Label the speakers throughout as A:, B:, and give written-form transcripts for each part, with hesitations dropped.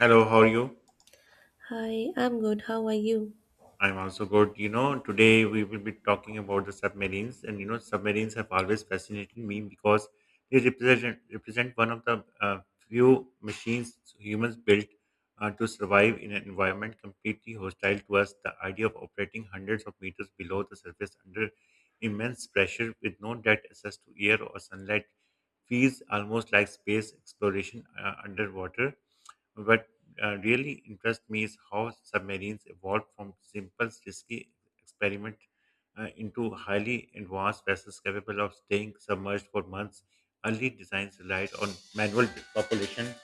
A: Hello, how are you?
B: Hi, I'm good. How are you?
A: I'm also good. You know, today we will be talking about the submarines, and you know, submarines have always fascinated me because they represent one of the few machines humans built to survive in an environment completely hostile to us. The idea of operating hundreds of meters below the surface under immense pressure with no direct access to air or sunlight feels almost like space exploration underwater. What really interests me is how submarines evolved from simple, risky experiment into highly advanced vessels capable of staying submerged for months. Early designs relied on manual population.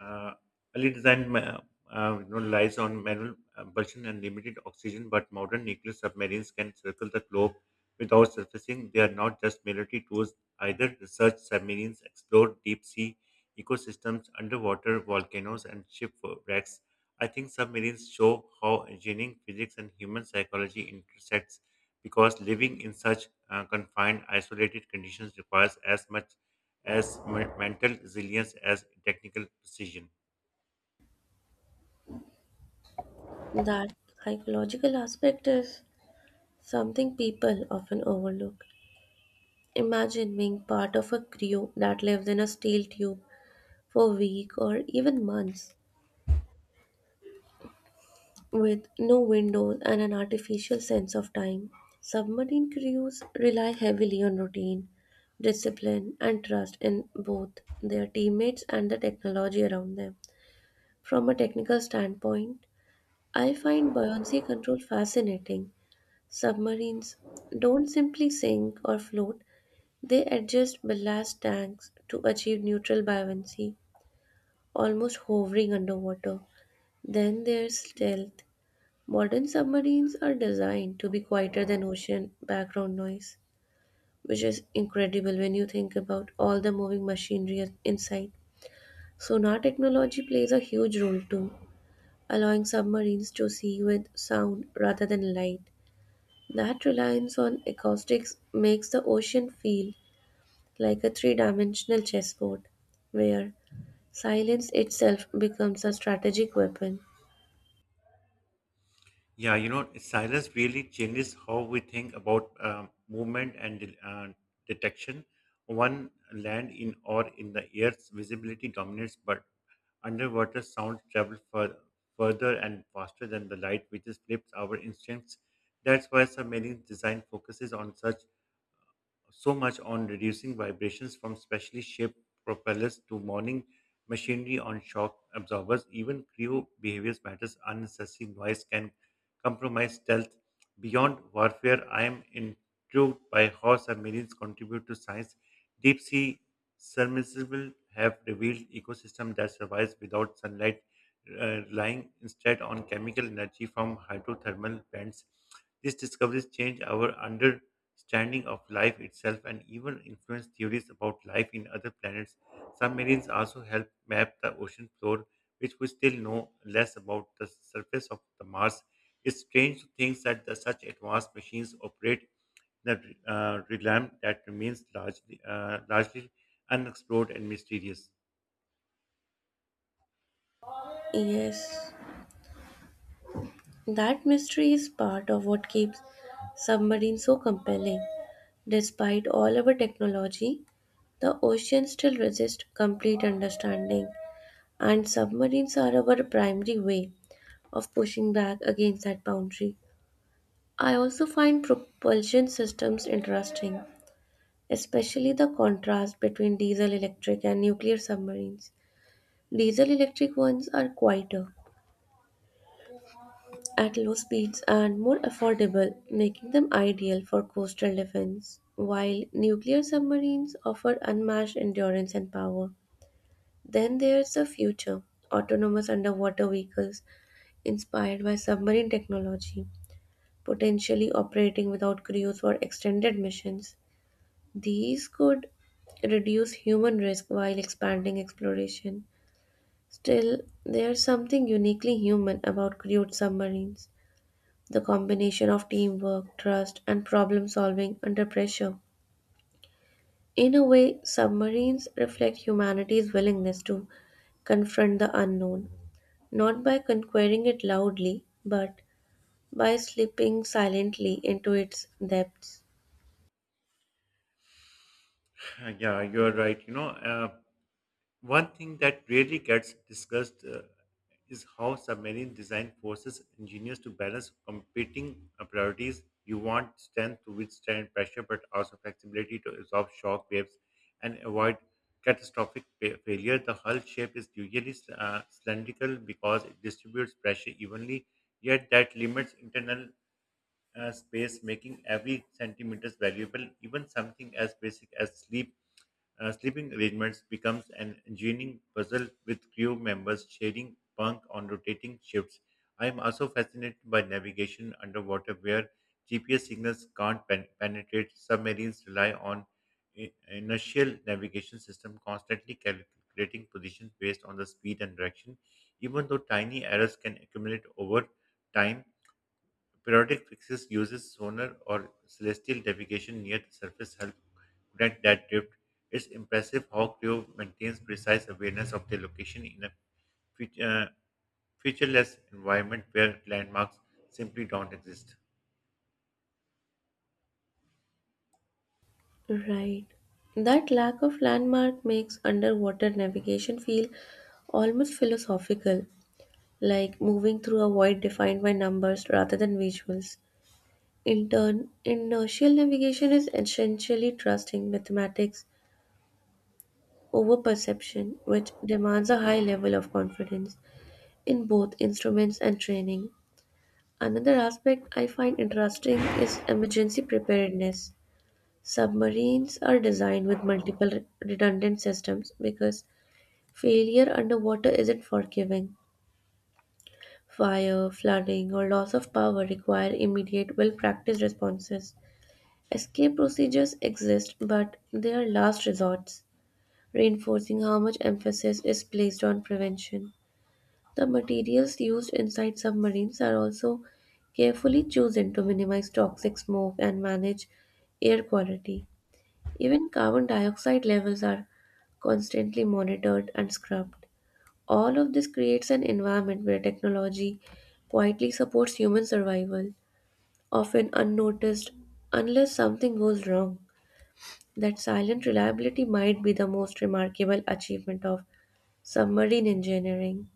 A: Uh, early design ma- you know, Relies on manual propulsion and limited oxygen, but modern nuclear submarines can circle the globe without surfacing. They are not just military tools either. Research submarines explore deep sea ecosystems, underwater volcanoes, and shipwrecks. I think submarines show how engineering, physics, and human psychology intersects because living in such confined, isolated conditions requires as much as mental resilience as technical precision.
B: That psychological aspect is something people often overlook. Imagine being part of a crew that lives in a steel tube for a week or even months with no windows and an artificial sense of time. Submarine crews rely heavily on routine, discipline, and trust in both their teammates and the technology around them. From a technical standpoint, I find buoyancy control fascinating. Submarines don't simply sink or float, they adjust ballast tanks to achieve neutral buoyancy, almost hovering underwater. Then there's stealth. Modern submarines are designed to be quieter than ocean background noise, which is incredible when you think about all the moving machinery inside. Sonar technology plays a huge role too, allowing submarines to see with sound rather than light. That reliance on acoustics makes the ocean feel like a three dimensional chessboard, where silence itself becomes a strategic weapon.
A: Yeah, you know, silence really changes how we think about movement and detection. One land in or in the air's visibility dominates, but underwater sounds travel further and faster than the light, which is flips our instincts. That's why submarine design focuses on such so much on reducing vibrations from specially shaped propellers to mourning machinery on shock absorbers. Even crew behaviors matters. Unnecessary noise can compromise stealth. Beyond warfare, I am intrigued by how submarines contribute to science. Deep sea submersibles have revealed ecosystem that survives without sunlight, relying instead on chemical energy from hydrothermal vents. These discoveries change our under standing of life itself and even influence theories about life in other planets. Submarines also help map the ocean floor, which we still know less about the surface of the Mars. It's strange to think that such advanced machines operate in a realm that remains largely unexplored and mysterious.
B: Yes, that mystery is part of what keeps submarines so compelling. Despite all our technology, the ocean still resists complete understanding, and submarines are our primary way of pushing back against that boundary. I also find propulsion systems interesting, especially the contrast between diesel electric and nuclear submarines. Diesel electric ones are quieter, at low speeds, and more affordable, making them ideal for coastal defense. While nuclear submarines offer unmatched endurance and power, then there's the future, autonomous underwater vehicles inspired by submarine technology, potentially operating without crews for extended missions. These could reduce human risk while expanding exploration. Still, there's something uniquely human about crewed submarines, the combination of teamwork, trust, and problem solving under pressure. In a way, submarines reflect humanity's willingness to confront the unknown, not by conquering it loudly, but by slipping silently into its depths.
A: Yeah, you're right. One thing that rarely gets discussed is how submarine design forces engineers to balance competing priorities. You want strength to withstand pressure, but also flexibility to absorb shock waves and avoid catastrophic failure. The hull shape is usually cylindrical because it distributes pressure evenly, yet that limits internal space, making every centimeters valuable. Even something as basic as sleeping arrangements becomes an engineering puzzle with crew members sharing bunk on rotating shifts. I am also fascinated by navigation underwater, where GPS signals can't penetrate. Submarines rely on inertial navigation system, constantly calculating positions based on the speed and direction. Even though tiny errors can accumulate over time, periodic fixes uses sonar or celestial navigation near the surface help connect that drift. It's impressive how crew maintains precise awareness of their location in a feat- uh, featureless environment where landmarks simply don't exist.
B: Right. That lack of landmark makes underwater navigation feel almost philosophical, like moving through a void defined by numbers rather than visuals. In turn, inertial navigation is essentially trusting mathematics over perception, which demands a high level of confidence in both instruments and training. Another aspect I find interesting is emergency preparedness. Submarines are designed with multiple redundant systems because failure underwater isn't forgiving. Fire, flooding, or loss of power require immediate, well practiced responses. Escape procedures exist, but they are last resorts, reinforcing how much emphasis is placed on prevention. The materials used inside submarines are also carefully chosen to minimize toxic smoke and manage air quality. Even carbon dioxide levels are constantly monitored and scrubbed. All of this creates an environment where technology quietly supports human survival, often unnoticed unless something goes wrong. That silent reliability might be the most remarkable achievement of submarine engineering.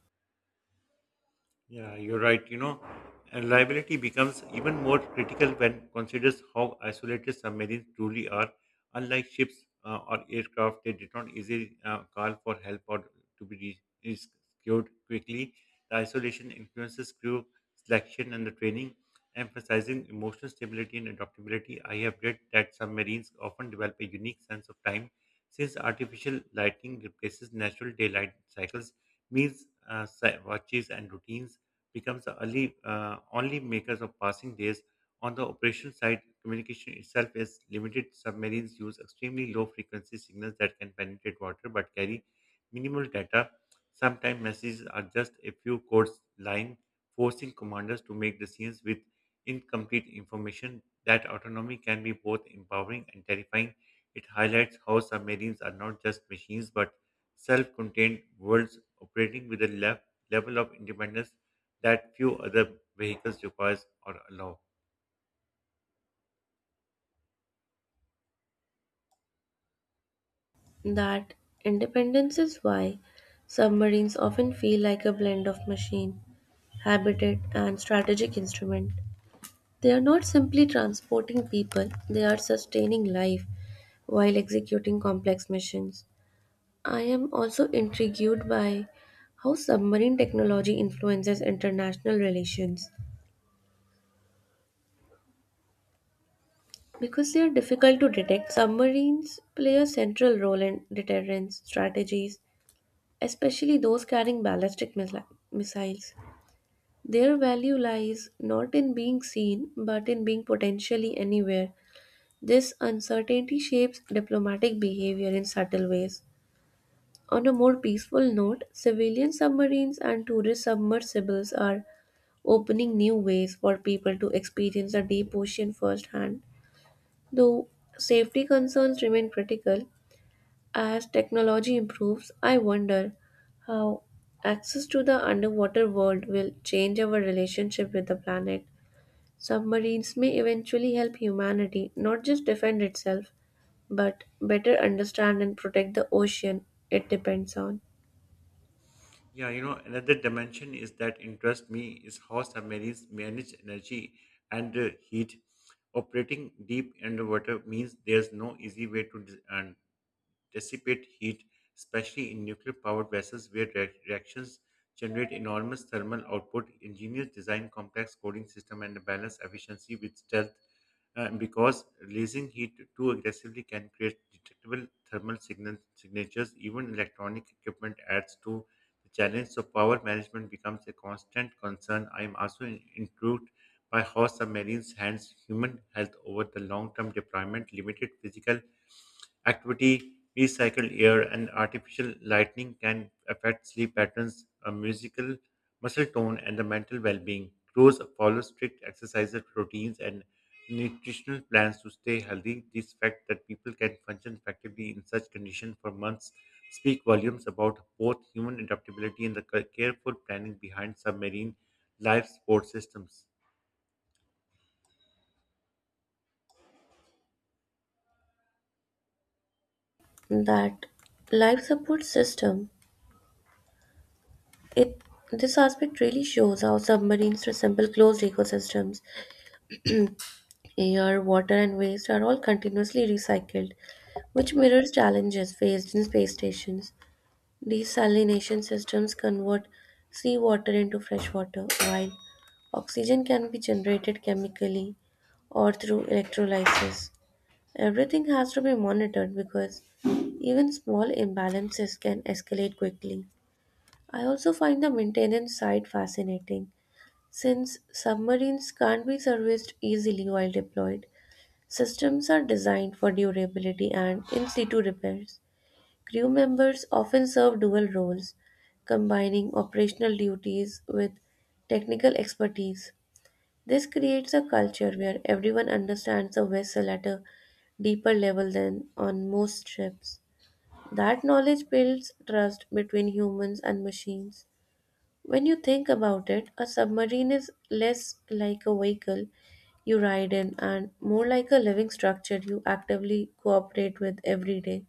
A: Yeah, you're right. You know, and liability becomes even more critical when considers how isolated submarines truly are. Unlike ships or aircraft, they did not easily call for help or to be rescued quickly. The isolation influences crew selection and the training, emphasizing emotional stability and adaptability. I have read that submarines often develop a unique sense of time since artificial lighting replaces natural daylight cycles, meals, watches, and routines becomes the only makers of passing days. On the operation side, communication itself is limited. Submarines use extremely low frequency signals that can penetrate water but carry minimal data. Sometimes messages are just a few codes line, forcing commanders to make decisions with incomplete information. That autonomy can be both empowering and terrifying. It highlights how submarines are not just machines but self contained worlds operating with a level of independence that few other vehicles requires or allow.
B: That independence is why submarines often feel like a blend of machine, habitat, and strategic instrument. They are not simply transporting people, they are sustaining life while executing complex missions. I am also intrigued by how submarine technology influences international relations. Because they are difficult to detect, submarines play a central role in deterrence strategies, especially those carrying ballistic missiles. Their value lies not in being seen, but in being potentially anywhere. This uncertainty shapes diplomatic behavior in subtle ways. On a more peaceful note, civilian submarines and tourist submersibles are opening new ways for people to experience the deep ocean firsthand. Though safety concerns remain critical, as technology improves, I wonder how access to the underwater world will change our relationship with the planet. Submarines may eventually help humanity not just defend itself, but better understand and protect the ocean it depends on.
A: Yeah, you know, another dimension is that interests me is how submarines manage energy and heat. Operating deep underwater means there's no easy way to dis- and dissipate heat, especially in nuclear powered vessels where reactions generate enormous thermal output. Engineers design complex cooling system and balance efficiency with stealth because releasing heat too aggressively can create detectable thermal signal signatures. Even electronic equipment adds to the challenge, so power management becomes a constant concern. I am also intrigued by how submarines hands human health over the long-term deployment, limited physical activity, recycled air, and artificial lighting can affect sleep patterns, a musical muscle tone, and the mental well being. Crows follow strict exercise routines and nutritional plans to stay healthy. This fact that people can function effectively in such conditions for months speak volumes about both human adaptability and the careful planning behind submarine life support systems.
B: That life support system, it this aspect really shows how submarines resemble closed ecosystems. Air, water, and waste are all continuously recycled, which mirrors challenges faced in space stations. Desalination systems convert seawater into fresh water, while oxygen can be generated chemically or through electrolysis. Everything has to be monitored because even small imbalances can escalate quickly. I also find the maintenance side fascinating. Since submarines can't be serviced easily while deployed, systems are designed for durability and in situ repairs. Crew members often serve dual roles, combining operational duties with technical expertise. This creates a culture where everyone understands the vessel at a deeper level than on most ships. That knowledge builds trust between humans and machines. When you think about it, a submarine is less like a vehicle you ride in and more like a living structure you actively cooperate with every day.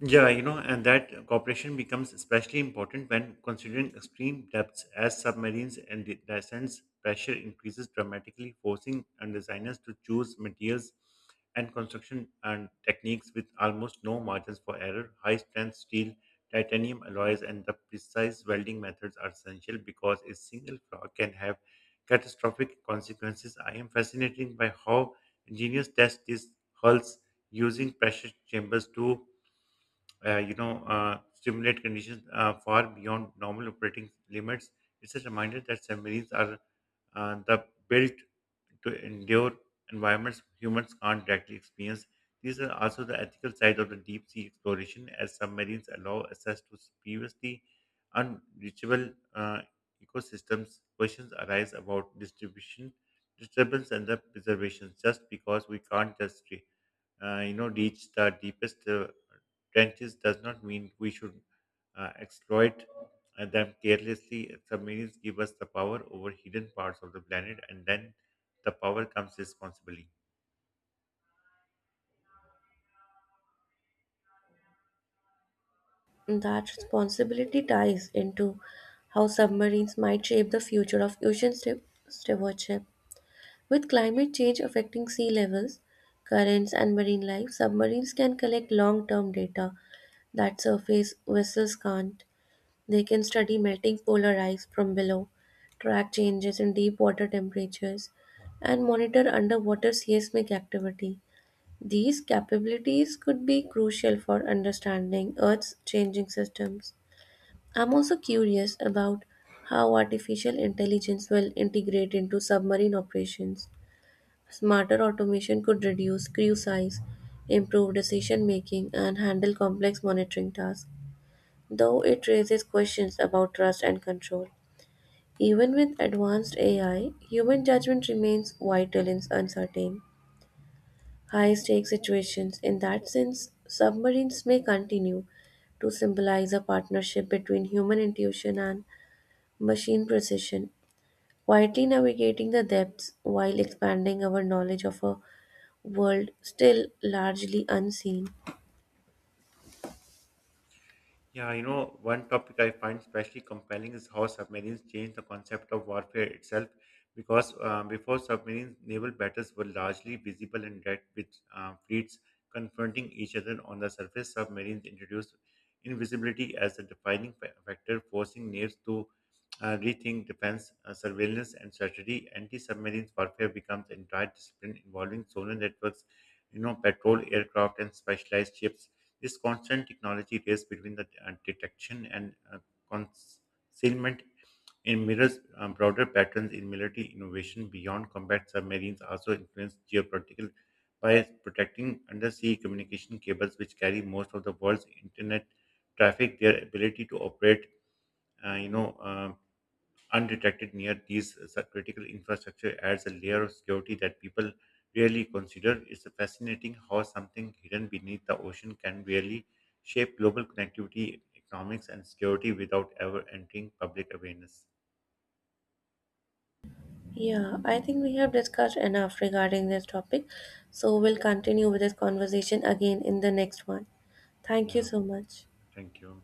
A: Yeah, you know, and that cooperation becomes especially important when considering extreme depths as submarines and descents pressure increases dramatically, forcing and designers to choose materials and construction and techniques with almost no margins for error. High strength steel, titanium alloys, and the precise welding methods are essential because a single flaw can have catastrophic consequences. I am fascinated by how engineers test these hulls using pressure chambers to stimulate conditions far beyond normal operating limits. It's a reminder that submarines are the built to endure environments humans can't directly experience. These are also the ethical side of the deep sea exploration, as submarines allow access to previously unreachable ecosystems. Questions arise about distribution, disturbance, and the preservation. Just because we can't just reach the deepest trenches does not mean we should exploit them carelessly. Submarines give us the power over hidden parts of the planet, and then the power comes responsibly.
B: That responsibility ties into how submarines might shape the future of ocean stewardship. With climate change affecting sea levels, currents, and marine life, submarines can collect long term data that surface vessels can't. They can study melting polar ice from below, track changes in deep water temperatures, and monitor underwater seismic activity. These capabilities could be crucial for understanding Earth's changing systems. I'm also curious about how artificial intelligence will integrate into submarine operations. Smarter automation could reduce crew size, improve decision making, and handle complex monitoring tasks, though it raises questions about trust and control. Even with advanced AI, human judgment remains vital in uncertain, high stakes situations. In that sense, submarines may continue to symbolize a partnership between human intuition and machine precision, quietly navigating the depths while expanding our knowledge of a world still largely unseen.
A: Yeah, you know, one topic I find especially compelling is how submarines change the concept of warfare itself. Because before submarines, naval battles were largely visible and direct, with fleets confronting each other on the surface. Submarines introduced invisibility as a defining factor, forcing navies to rethink defense, surveillance, and strategy. Anti-submarine warfare becomes an entire discipline involving sonar networks, you know, patrol aircraft, and specialized ships. This constant technology race between the detection and concealment in mirrors broader patterns in military innovation beyond combat submarines also influence geopolitical by protecting undersea communication cables which carry most of the world's internet traffic their ability to operate uh, you know uh, undetected near these critical infrastructure adds a layer of security that people rarely consider. It's fascinating how something hidden beneath the ocean can really shape global connectivity, economics, and security without ever entering public awareness.
B: Yeah, I think we have discussed enough regarding this topic, so we'll continue with this conversation again in the next one. Thank you
A: Yeah,
B: so much.
A: thank you.